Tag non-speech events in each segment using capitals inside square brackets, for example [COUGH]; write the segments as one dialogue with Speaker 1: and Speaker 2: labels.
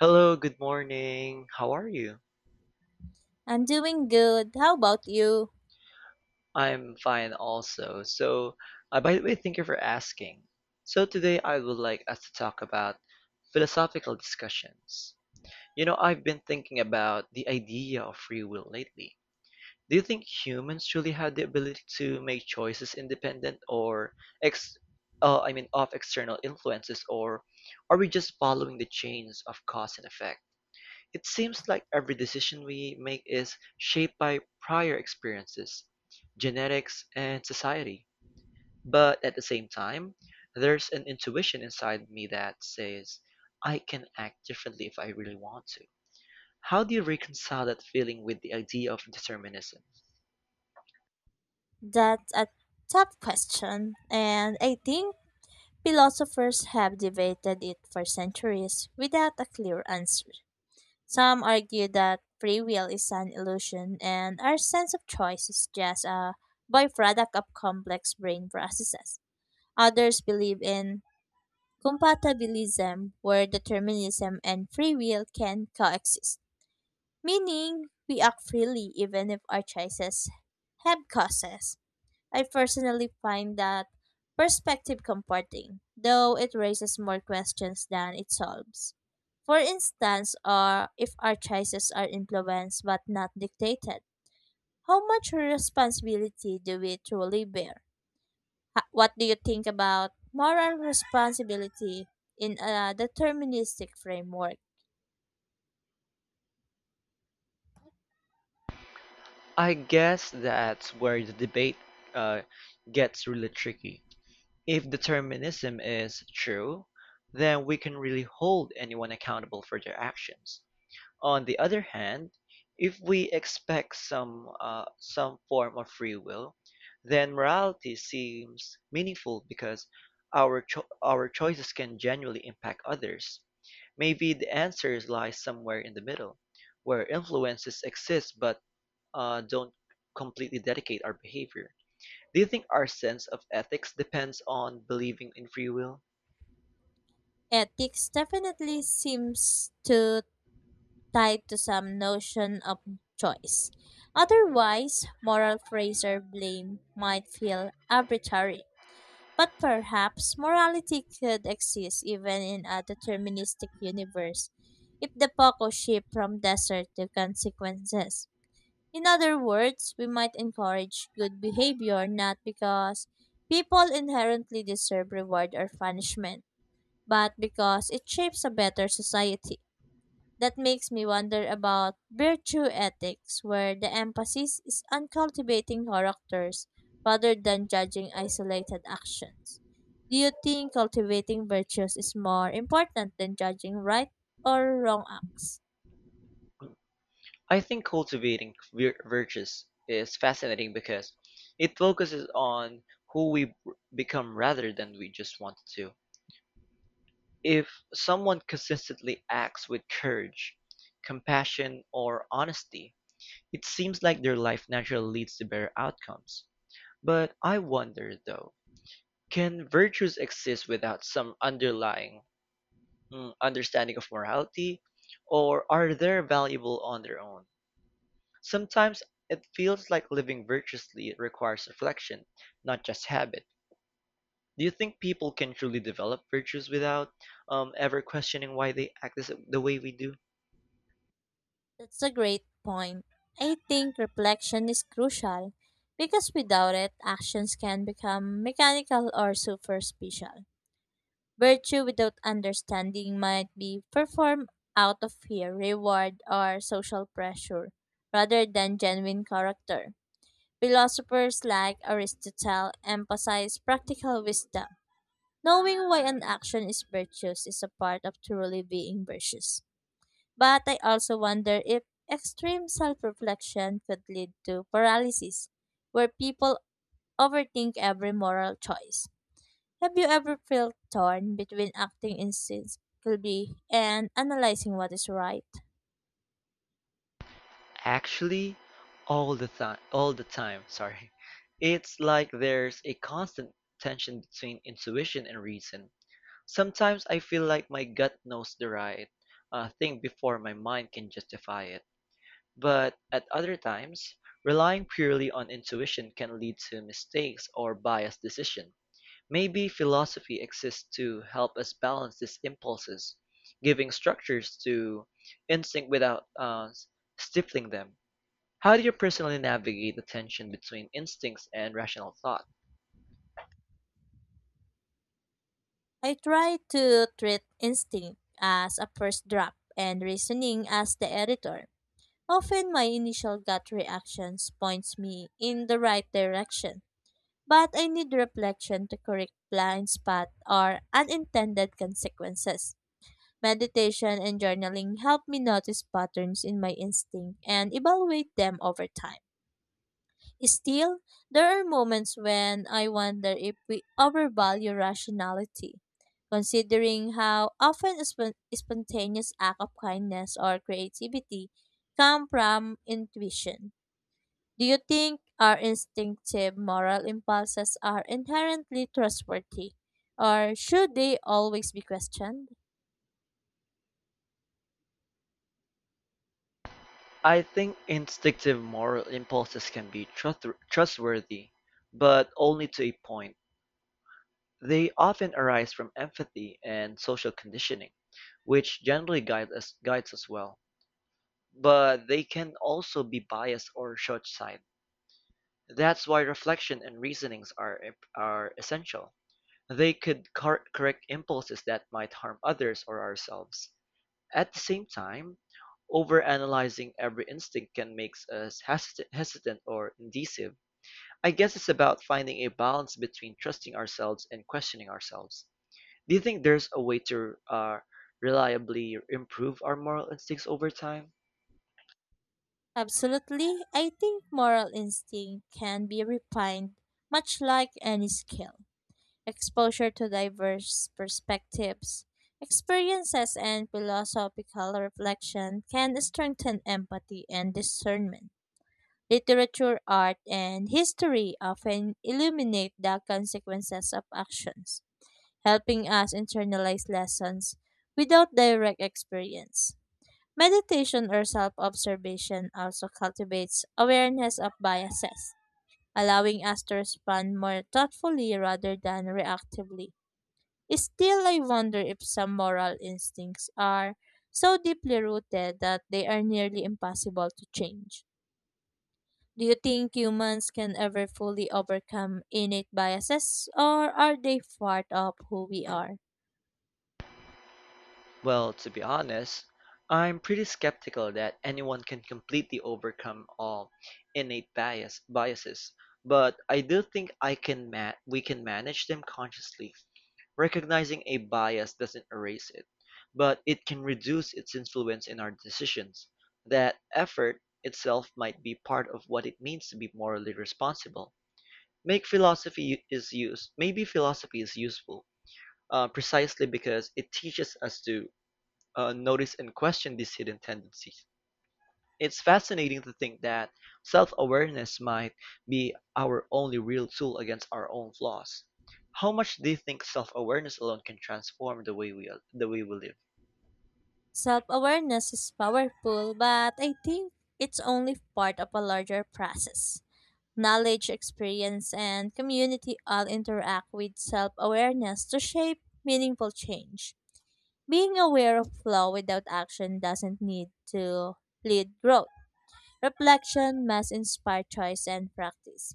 Speaker 1: Hello, good morning. How are you?
Speaker 2: I'm doing good. How about you?
Speaker 1: I'm fine also. So, by the way, thank you for asking. So, today I would like us to talk about philosophical discussions. You know, I've been thinking about the idea of free will lately. Do you think humans truly have the ability to make choices independent or ex I mean of external influences, or are we just following the chains of cause and effect? It seems like every decision we make is shaped by prior experiences, genetics, and society. But at the same time, there's an intuition inside me that says I can act differently if I really want to. How do you reconcile that feeling with the idea of determinism?
Speaker 2: That's a tough question, and I think philosophers have debated it for centuries without a clear answer. Some argue that free will is an illusion and our sense of choice is just a byproduct of complex brain processes. Others believe in compatibilism, where determinism and free will can coexist, meaning we act freely even if our choices have causes. I personally find that perspective comforting, though it raises more questions than it solves. For instance, or if our choices are influenced but not dictated, how much responsibility do we truly bear? What do you think about moral responsibility in a deterministic framework?
Speaker 1: I guess that's where the debate uh, gets really tricky. If determinism is true, then we can really hold anyone accountable for their actions. On the other hand, if we expect some form of free will, then morality seems meaningful because our choices can genuinely impact others. Maybe the answers lie somewhere in the middle, where influences exist but don't completely dictate our behavior. Do you think our sense of ethics depends on believing in free will?
Speaker 2: Ethics definitely seems to tie to some notion of choice. Otherwise, moral praise or blame might feel arbitrary. But perhaps morality could exist even in a deterministic universe if the focus shift from desert to consequences. In other words, we might encourage good behavior not because people inherently deserve reward or punishment, but because it shapes a better society. That makes me wonder about virtue ethics, where the emphasis is on cultivating characters rather than judging isolated actions. Do you think cultivating virtues is more important than judging right or wrong acts?
Speaker 1: I think cultivating virtues is fascinating because it focuses on who we become rather than we just want to. If someone consistently acts with courage, compassion, or honesty, it seems like their life naturally leads to better outcomes. But I wonder though, can virtues exist without some underlying understanding of morality, or are they valuable on their own? Sometimes it feels like living virtuously requires reflection, not just habit. Do you think people can truly develop virtues without ever questioning why they the way we do?
Speaker 2: That's a great point. I think reflection is crucial because without it, actions can become mechanical or superficial. Virtue without understanding might be performed out of fear, reward, or social pressure rather than genuine character. Philosophers like Aristotle emphasize practical wisdom. Knowing why an action is virtuous is a part of truly being virtuous. But I also wonder if extreme self reflection could lead to paralysis, where people overthink every moral choice. Have you ever felt torn between acting instinctively and analyzing what is right?
Speaker 1: Actually, all the time, [LAUGHS] sorry. It's like there's a constant tension between intuition and reason. Sometimes I feel like my gut knows the right thing before my mind can justify it. But at other times, relying purely on intuition can lead to mistakes or biased decisions. Maybe philosophy exists to help us balance these impulses, giving structures to instinct without stifling them. How do you personally navigate the tension between instincts and rational thought?
Speaker 2: I try to treat instinct as a first draft and reasoning as the editor. Often my initial gut reactions points me in the right direction. But I need reflection to correct blind spot or unintended consequences. Meditation and journaling help me notice patterns in my instinct and evaluate them over time. Still, there are moments when I wonder if we overvalue rationality. Considering how often a spontaneous act of kindness or creativity come from intuition, do you think our instinctive moral impulses are inherently trustworthy, or should they always be questioned?
Speaker 1: I think instinctive moral impulses can be trustworthy, but only to a point. They often arise from empathy and social conditioning, which generally guides us well, but they can also be biased or short-sighted. That's why reflection and reasonings are essential. They could correct impulses that might harm others or ourselves. At the same time, overanalyzing every instinct can make us hesitant, hesitant or indecisive. I guess it's about finding a balance between trusting ourselves and questioning ourselves. Do you think there's a way to reliably improve our moral instincts over time?
Speaker 2: Absolutely. I think moral instinct can be refined, much like any skill. Exposure to diverse perspectives, experiences, and philosophical reflection can strengthen empathy and discernment. Literature, art, and history often illuminate the consequences of actions, helping us internalize lessons without direct experience. Meditation or self observation also cultivates awareness of biases, allowing us to respond more thoughtfully rather than reactively. Still, I wonder if some moral instincts are so deeply rooted that they are nearly impossible to change. Do you think humans can ever fully overcome innate biases, or are they part of who we are?
Speaker 1: Well, to be honest, I'm pretty skeptical that anyone can completely overcome all innate biases, but I do think we can manage them consciously. Recognizing a bias doesn't erase it, but it can reduce its influence in our decisions. That effort itself might be part of what it means to be morally responsible. Make philosophy is used. Maybe philosophy is useful, precisely because it teaches us to notice and question these hidden tendencies. It's fascinating to think that self-awareness might be our only real tool against our own flaws. How much do you think self-awareness alone can transform the way we live?
Speaker 2: Self awareness is powerful, but I think it's only part of a larger process. Knowledge, experience, and community all interact with self awareness to shape meaningful change. Being aware of flaw without action doesn't need to lead growth. Reflection must inspire choice and practice.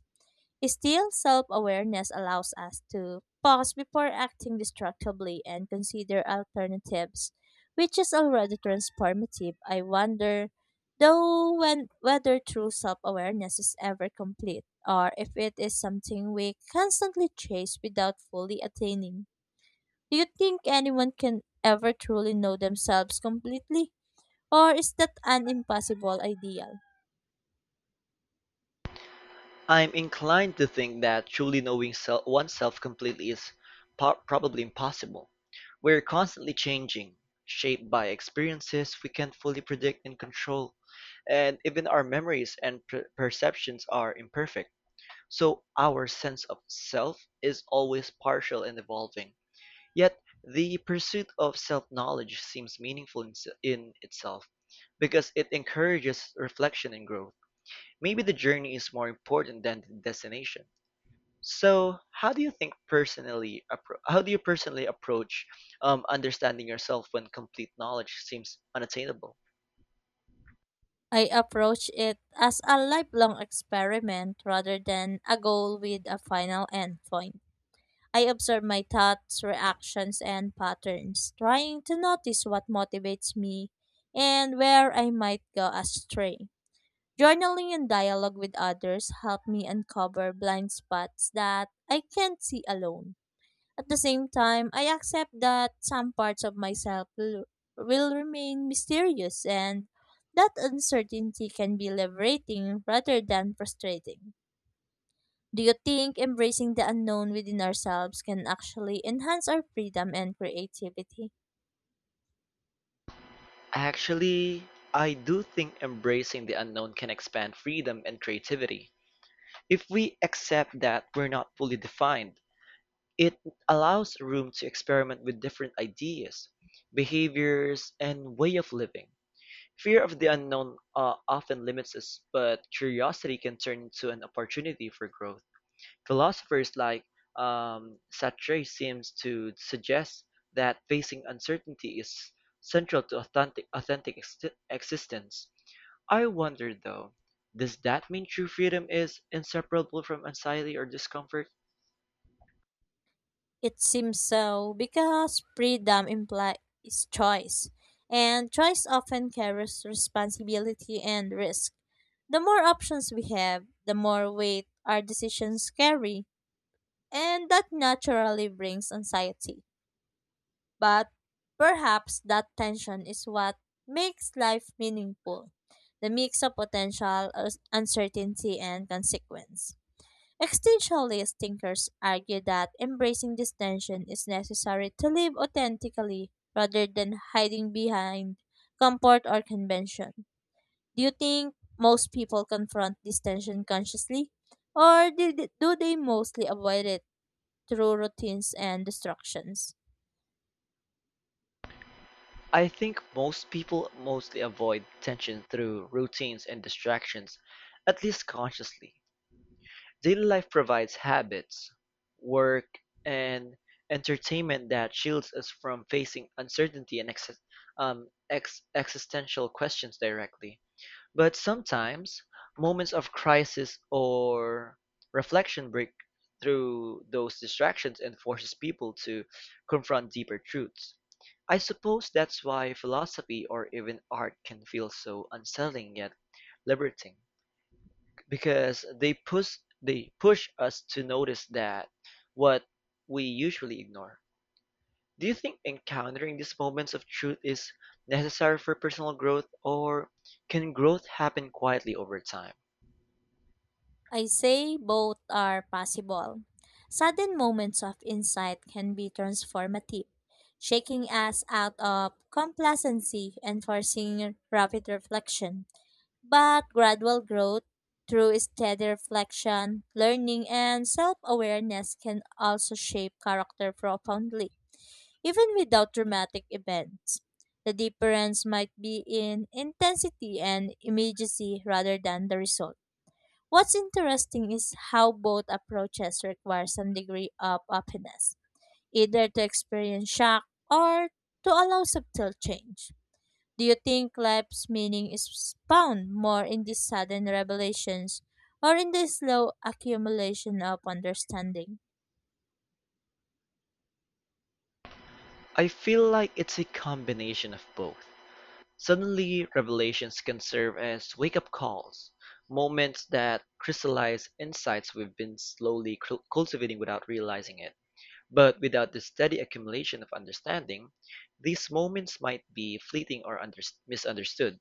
Speaker 2: Still, self awareness allows us to pause before acting destructively and consider alternatives, which is already transformative. I wonder, though, whether true self awareness is ever complete or if it is something we constantly chase without fully attaining. Do you think anyone can ever truly know themselves completely? Or is that an impossible ideal?
Speaker 1: I'm inclined to think that truly knowing oneself completely is probably impossible. We're constantly changing, shaped by experiences we can't fully predict and control, and even our memories and perceptions are imperfect. So our sense of self is always partial and evolving. Yet, the pursuit of self-knowledge seems meaningful in itself because it encourages reflection and growth. Maybe the journey is more important than the destination. So, how do you personally approach understanding yourself when complete knowledge seems unattainable?
Speaker 2: I approach it as a lifelong experiment rather than a goal with a final endpoint. I observe my thoughts, reactions, and patterns, trying to notice what motivates me and where I might go astray. Journaling and dialogue with others help me uncover blind spots that I can't see alone. At the same time, I accept that some parts of myself will remain mysterious and that uncertainty can be liberating rather than frustrating. Do you think embracing the unknown within ourselves can actually enhance our freedom and creativity?
Speaker 1: Actually, I do think embracing the unknown can expand freedom and creativity. If we accept that we're not fully defined, it allows room to experiment with different ideas, behaviors, and way of living. Fear of the unknown often limits us, but curiosity can turn into an opportunity for growth. Philosophers like Sartre seems to suggest that facing uncertainty is central to authentic, authentic existence. I wonder though, does that mean true freedom is inseparable from anxiety or discomfort?
Speaker 2: It seems so because freedom implies choice, and choice often carries responsibility and risk. The more options we have, the more weight our decisions carry. And that naturally brings anxiety. But perhaps that tension is what makes life meaningful, the mix of potential, uncertainty, and consequence. Existentialist thinkers argue that embracing this tension is necessary to live authentically rather than hiding behind comfort or convention. Do you think most people confront this tension consciously, or do they mostly avoid it through routines and distractions?
Speaker 1: I think most people mostly avoid tension through routines and distractions, at least consciously. Daily life provides habits, work, and entertainment that shields us from facing uncertainty and existential questions directly. But sometimes, moments of crisis or reflection break through those distractions and forces people to confront deeper truths. I suppose that's why philosophy or even art can feel so unsettling yet liberating, because they push us to notice that what we usually ignore. Do you think encountering these moments of truth is necessary for personal growth, or can growth happen quietly over time?
Speaker 2: I say both are possible. Sudden moments of insight can be transformative, shaking us out of complacency and forcing rapid reflection. But gradual growth through steady reflection, learning, and self awareness can also shape character profoundly. Even without dramatic events, the difference might be in intensity and immediacy rather than the result. What's interesting is how both approaches require some degree of openness, either to experience shock or to allow subtle change. Do you think life's meaning is found more in these sudden revelations or in the slow accumulation of understanding?
Speaker 1: I feel like it's a combination of both. Suddenly revelations can serve as wake-up calls, moments that crystallize insights we've been slowly cultivating without realizing it. But without the steady accumulation of understanding, these moments might be fleeting or misunderstood.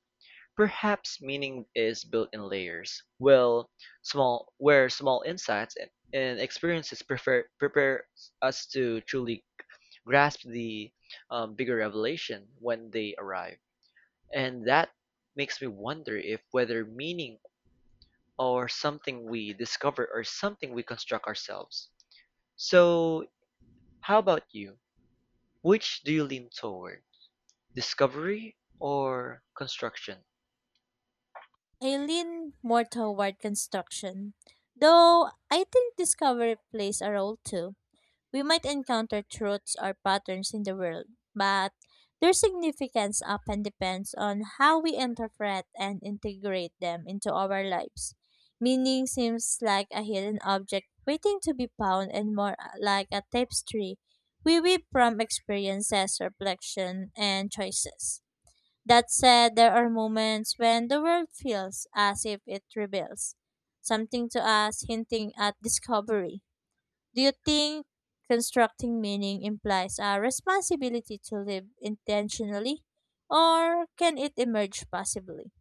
Speaker 1: Perhaps meaning is built in layers. Well, small insights and experiences prepare us to truly grasp the bigger revelation when they arrive. And that makes me wonder if whether meaning or something we discover or something we construct ourselves. So, how about you? Which do you lean toward? Discovery or construction?
Speaker 2: I lean more toward construction, though I think discovery plays a role too. We might encounter truths or patterns in the world, but their significance often depends on how we interpret and integrate them into our lives. Meaning seems like a hidden object waiting to be found and more like a tapestry we weave from experiences, reflection, and choices. That said, there are moments when the world feels as if it reveals something to us, hinting at discovery. Do you think constructing meaning implies a responsibility to live intentionally, or can it emerge passively?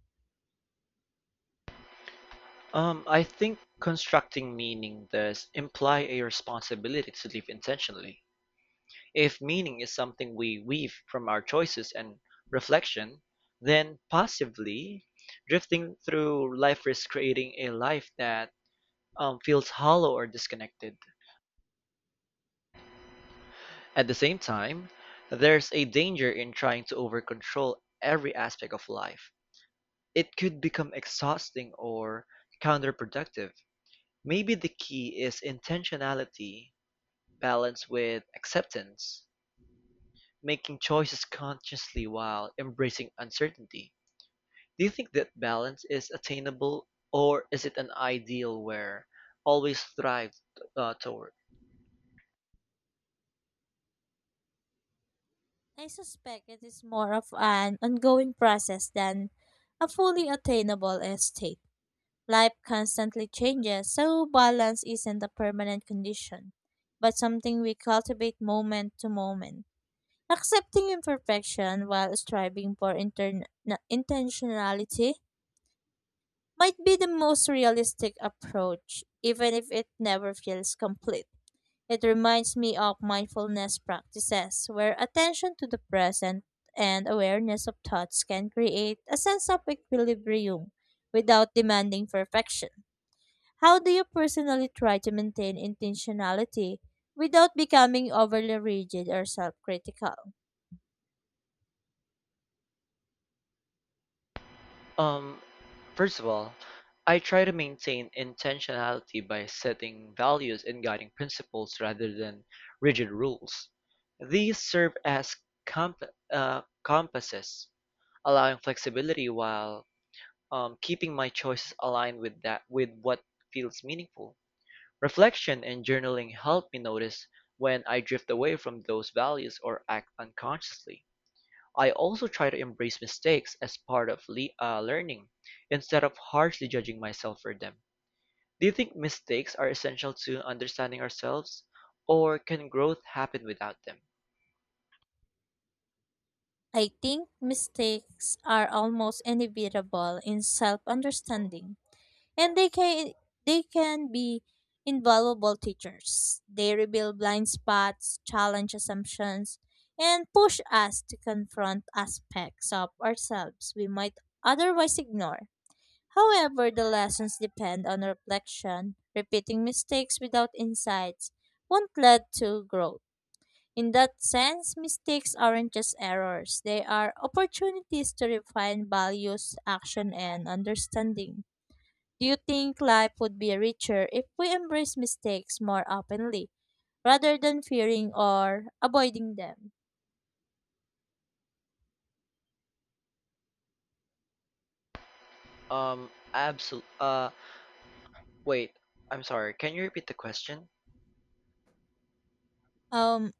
Speaker 1: I think constructing meaning does imply a responsibility to live intentionally. If meaning is something we weave from our choices and reflection, then passively drifting through life risks creating a life that feels hollow or disconnected. At the same time, there's a danger in trying to overcontrol every aspect of life. It could become exhausting or counterproductive. Maybe the key is intentionality balanced with acceptance, making choices consciously while embracing uncertainty. Do you think that balance is attainable, or is it an ideal we're always strive toward?
Speaker 2: I suspect it is more of an ongoing process than a fully attainable state. Life constantly changes, so balance isn't a permanent condition, but something we cultivate moment to moment. Accepting imperfection while striving for intentionality might be the most realistic approach, even if it never feels complete. It reminds me of mindfulness practices, where attention to the present and awareness of thoughts can create a sense of equilibrium without demanding perfection. How do you personally try to maintain intentionality without becoming overly rigid or self critical?
Speaker 1: Um, first of all, I try to maintain intentionality by setting values and guiding principles rather than rigid rules. These serve as comp- compasses, allowing flexibility while keeping my choices aligned with that with what feels meaningful. Reflection and journaling help me notice when I drift away from those values or act unconsciously. I also try to embrace mistakes as part of le learning instead of harshly judging myself for them. Do you think mistakes are essential to understanding ourselves, or can growth happen without them?
Speaker 2: I think mistakes are almost inevitable in self understanding, and they can be invaluable teachers. They reveal blind spots, challenge assumptions, and push us to confront aspects of ourselves we might otherwise ignore. However, the lessons depend on reflection. Repeating mistakes without insights won't lead to growth. In that sense, mistakes aren't just errors, they are opportunities to refine values, action, and understanding. Do you think life would be richer if we embrace mistakes more openly, rather than fearing or avoiding them?
Speaker 1: Um, absol- uh, wait, I'm sorry, can you repeat the question?
Speaker 2: Um,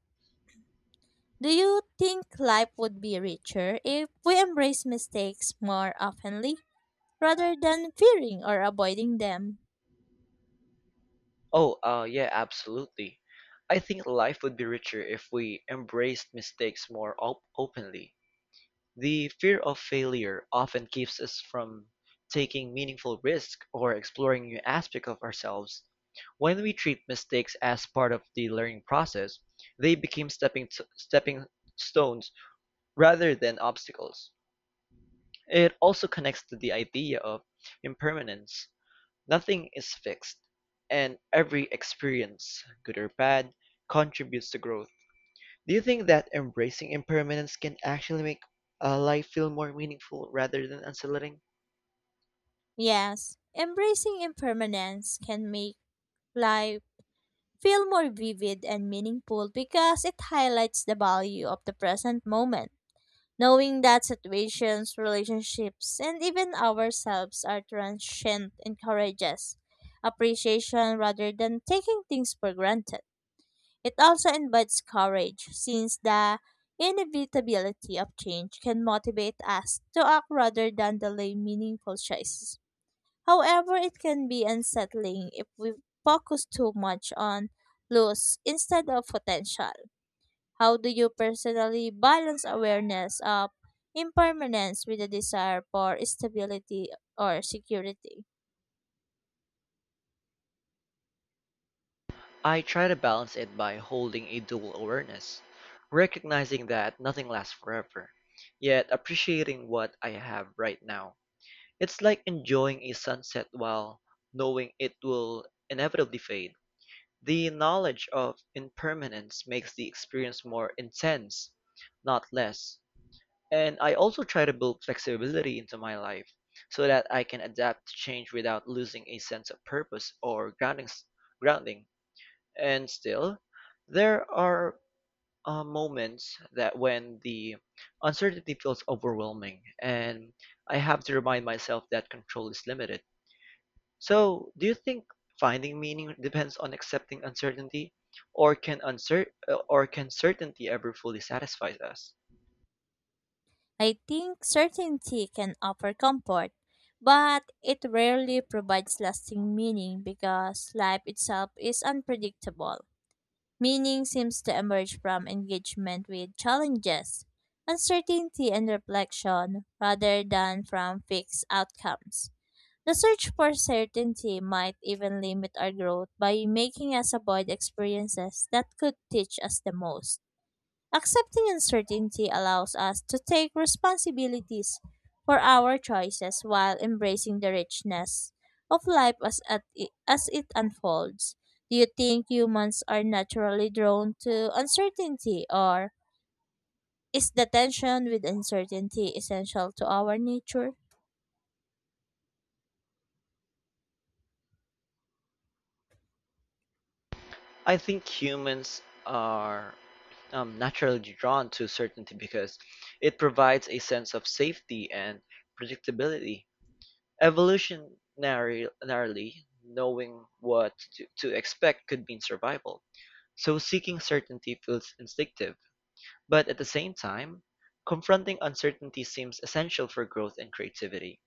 Speaker 2: do you think life would be richer if we embrace mistakes more openly, rather than fearing or avoiding them?
Speaker 1: Oh, yeah, absolutely. I think life would be richer if we embraced mistakes more openly. The fear of failure often keeps us from taking meaningful risks or exploring new aspects of ourselves. When we treat mistakes as part of the learning process, they become stepping, stepping stones rather than obstacles. It also connects to the idea of impermanence. Nothing is fixed, and every experience, good or bad, contributes to growth. Do you think that embracing impermanence can actually make life feel more meaningful rather than unsettling?
Speaker 2: Yes, embracing impermanence can make life feel more vivid and meaningful because it highlights the value of the present moment. Knowing that situations, relationships, and even ourselves are transient encourages appreciation rather than taking things for granted. It also invites courage, since the inevitability of change can motivate us to act rather than delay meaningful choices. However, it can be unsettling if we focus too much on loss instead of potential. How do you personally balance awareness of impermanence with a desire for stability or security?
Speaker 1: I try to balance it by holding a dual awareness, recognizing that nothing lasts forever, yet appreciating what I have right now. It's like enjoying a sunset while knowing it will inevitably fade. The knowledge of impermanence makes the experience more intense, not less. And I also try to build flexibility into my life so that I can adapt to change without losing a sense of purpose or grounding. And still, there are moments that when the uncertainty feels overwhelming and I have to remind myself that control is limited. So, do you think finding meaning depends on accepting uncertainty, or can or can certainty ever fully satisfy us?
Speaker 2: I think certainty can offer comfort, but it rarely provides lasting meaning because life itself is unpredictable. Meaning seems to emerge from engagement with challenges, uncertainty, and reflection rather than from fixed outcomes. The search for certainty might even limit our growth by making us avoid experiences that could teach us the most. Accepting uncertainty allows us to take responsibilities for our choices while embracing the richness of life as it unfolds. Do you think humans are naturally drawn to uncertainty, or is the tension with uncertainty essential to our nature?
Speaker 1: I think humans are naturally drawn to certainty because it provides a sense of safety and predictability. Evolutionarily, knowing what to expect could mean survival. So seeking certainty feels instinctive, but at the same time, confronting uncertainty seems essential for growth and creativity.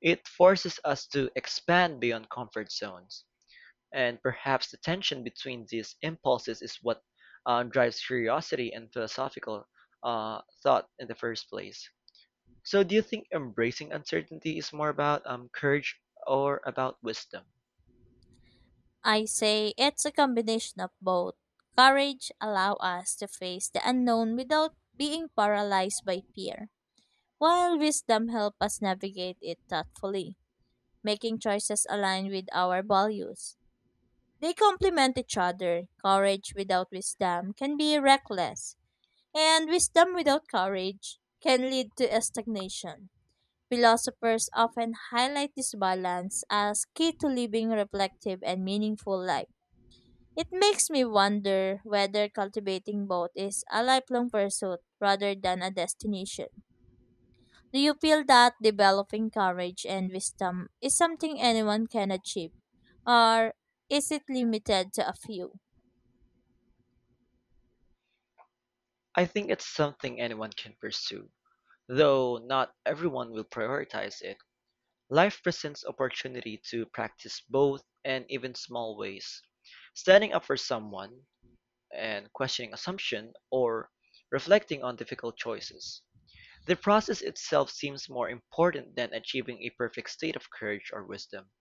Speaker 1: It forces us to expand beyond comfort zones, and perhaps the tension between these impulses is what drives curiosity and philosophical thought in the first place. So, do you think embracing uncertainty is more about courage or about wisdom?
Speaker 2: I say it's a combination of both. Courage allows us to face the unknown without being paralyzed by fear, while wisdom helps us navigate it thoughtfully, making choices aligned with our values. They complement each other. Courage without wisdom can be reckless, and wisdom without courage can lead to stagnation. Philosophers often highlight this balance as key to living reflective and meaningful life. It makes me wonder whether cultivating both is a lifelong pursuit rather than a destination. Do you feel that developing courage and wisdom is something anyone can achieve, or is it limited to a few?
Speaker 1: I think it's something anyone can pursue, though not everyone will prioritize it. Life presents opportunity to practice both and even small ways. Standing up for someone and questioning assumption or reflecting on difficult choices. The process itself seems more important than achieving a perfect state of courage or wisdom,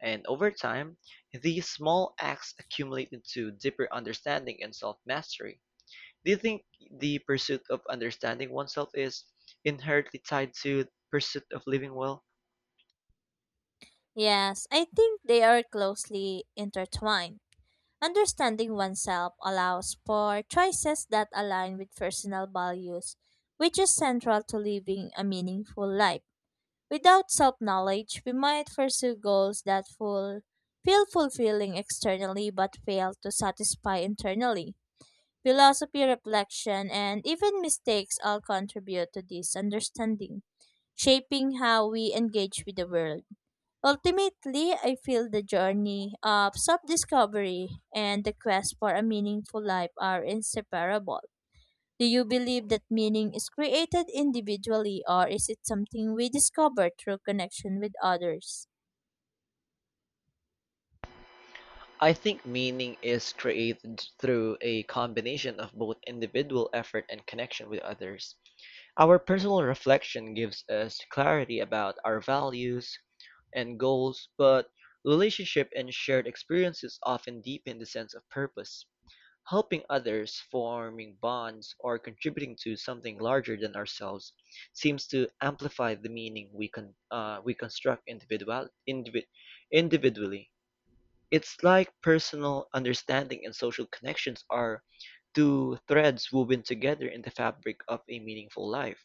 Speaker 1: and over time, these small acts accumulate into deeper understanding and self-mastery. Do you think the pursuit of understanding oneself is inherently tied to the pursuit of living well?
Speaker 2: Yes, I think they are closely intertwined. Understanding oneself allows for choices that align with personal values, which is central to living a meaningful life. Without self knowledge, we might pursue goals that feel fulfilling externally but fail to satisfy internally. Philosophy, reflection, and even mistakes all contribute to this understanding, shaping how we engage with the world. Ultimately, I feel the journey of self discovery and the quest for a meaningful life are inseparable. Do you believe that meaning is created individually, or is it something we discover through connection with others?
Speaker 1: I think meaning is created through a combination of both individual effort and connection with others. Our personal reflection gives us clarity about our values and goals, but relationship and shared experiences often deepen the sense of purpose, helping others, forming bonds, or contributing to something larger than ourselves seems to amplify the meaning we construct individually. It's like personal understanding and social connections are two threads woven together in the fabric of a meaningful life.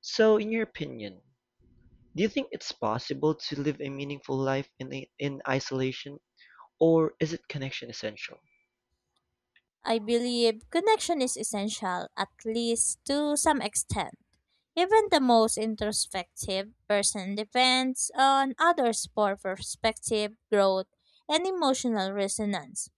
Speaker 1: So in your opinion, do you think it's possible to live a meaningful life in isolation, or is it connection essential?
Speaker 2: I believe connection is essential, at least to some extent. Even the most introspective person depends on others for perspective, growth, and emotional resonance.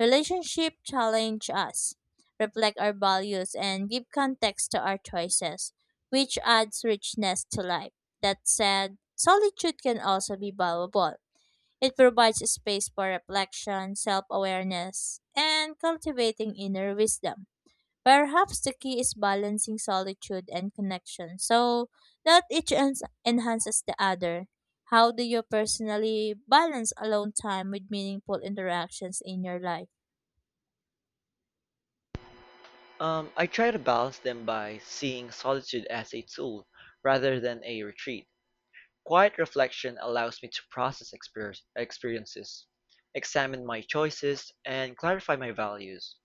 Speaker 2: Relationships challenge us, reflect our values, and give context to our choices, which adds richness to life. That said, solitude can also be valuable. It provides space for reflection, self awareness, and cultivating inner wisdom. Perhaps the key is balancing solitude and connection so that each enhances the other. How do you personally balance alone time with meaningful interactions in your life?
Speaker 1: I try to balance them by seeing solitude as a tool rather than a retreat. Quiet reflection allows me to process experiences, examine my choices, and clarify my values.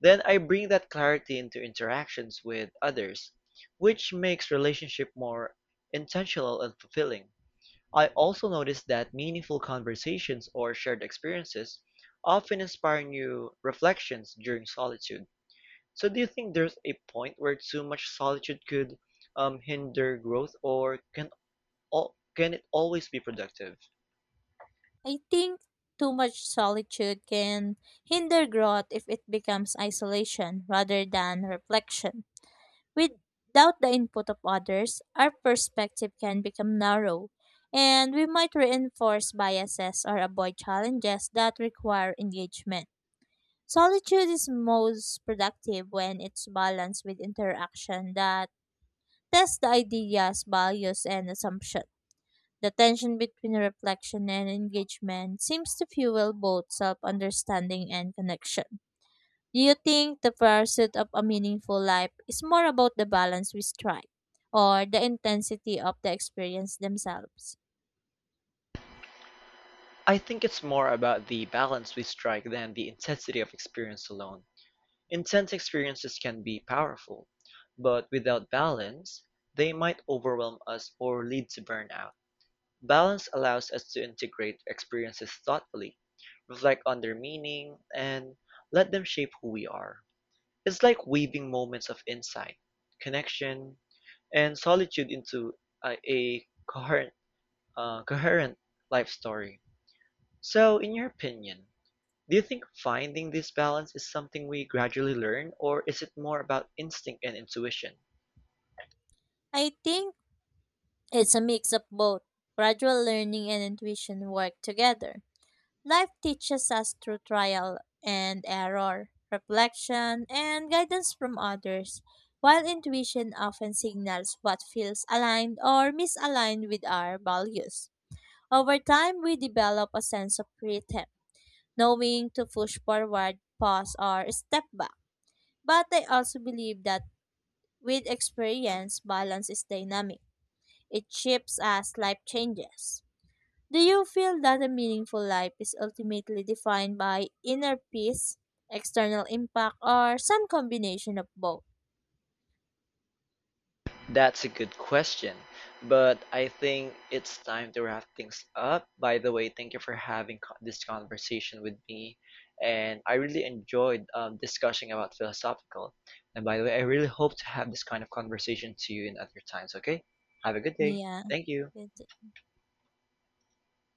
Speaker 1: Then I bring that clarity into interactions with others, which makes relationship more intentional and fulfilling. I also noticed that meaningful conversations or shared experiences often inspire new reflections during solitude. So, do you think there's a point where too much solitude could hinder growth, or can can it always be productive?
Speaker 2: I think too much solitude can hinder growth if it becomes isolation rather than reflection. Without the input of others, our perspective can become narrow and we might reinforce biases or avoid challenges that require engagement. Solitude is most productive when it's balanced with interaction that tests the ideas, values, and assumptions. The tension between reflection and engagement seems to fuel both self understanding and connection. Do you think the pursuit of a meaningful life is more about the balance we strike or the intensity of the experience themselves?
Speaker 1: I think it's more about the balance we strike than the intensity of experience alone. Intense experiences can be powerful, but without balance, they might overwhelm us or lead to burnout. Balance allows us to integrate experiences thoughtfully, reflect on their meaning, and let them shape who we are. It's like weaving moments of insight, connection, and solitude into a coherent, coherent life story. So, in your opinion, do you think finding this balance is something we gradually learn, or is it more about instinct and intuition?
Speaker 2: I think it's a mix of both. Gradual learning and intuition work together. Life teaches us through trial and error, reflection, and guidance from others, while intuition often signals what feels aligned or misaligned with our values. Over time, we develop a sense of rhythm, knowing to push forward, pause, or step back. But I also believe that with experience, balance is dynamic. It shifts as life changes. Do you feel that a meaningful life is ultimately defined by inner peace, external impact, or some combination of both?
Speaker 1: That's a good question, but I think it's time to wrap things up. By the way, thank you for this conversation with me, and I really enjoyed discussing about philosophical. And by the way, I really hope to have this kind of conversation to you in other times. Okay, have a good day.
Speaker 2: Yeah.
Speaker 1: Thank you.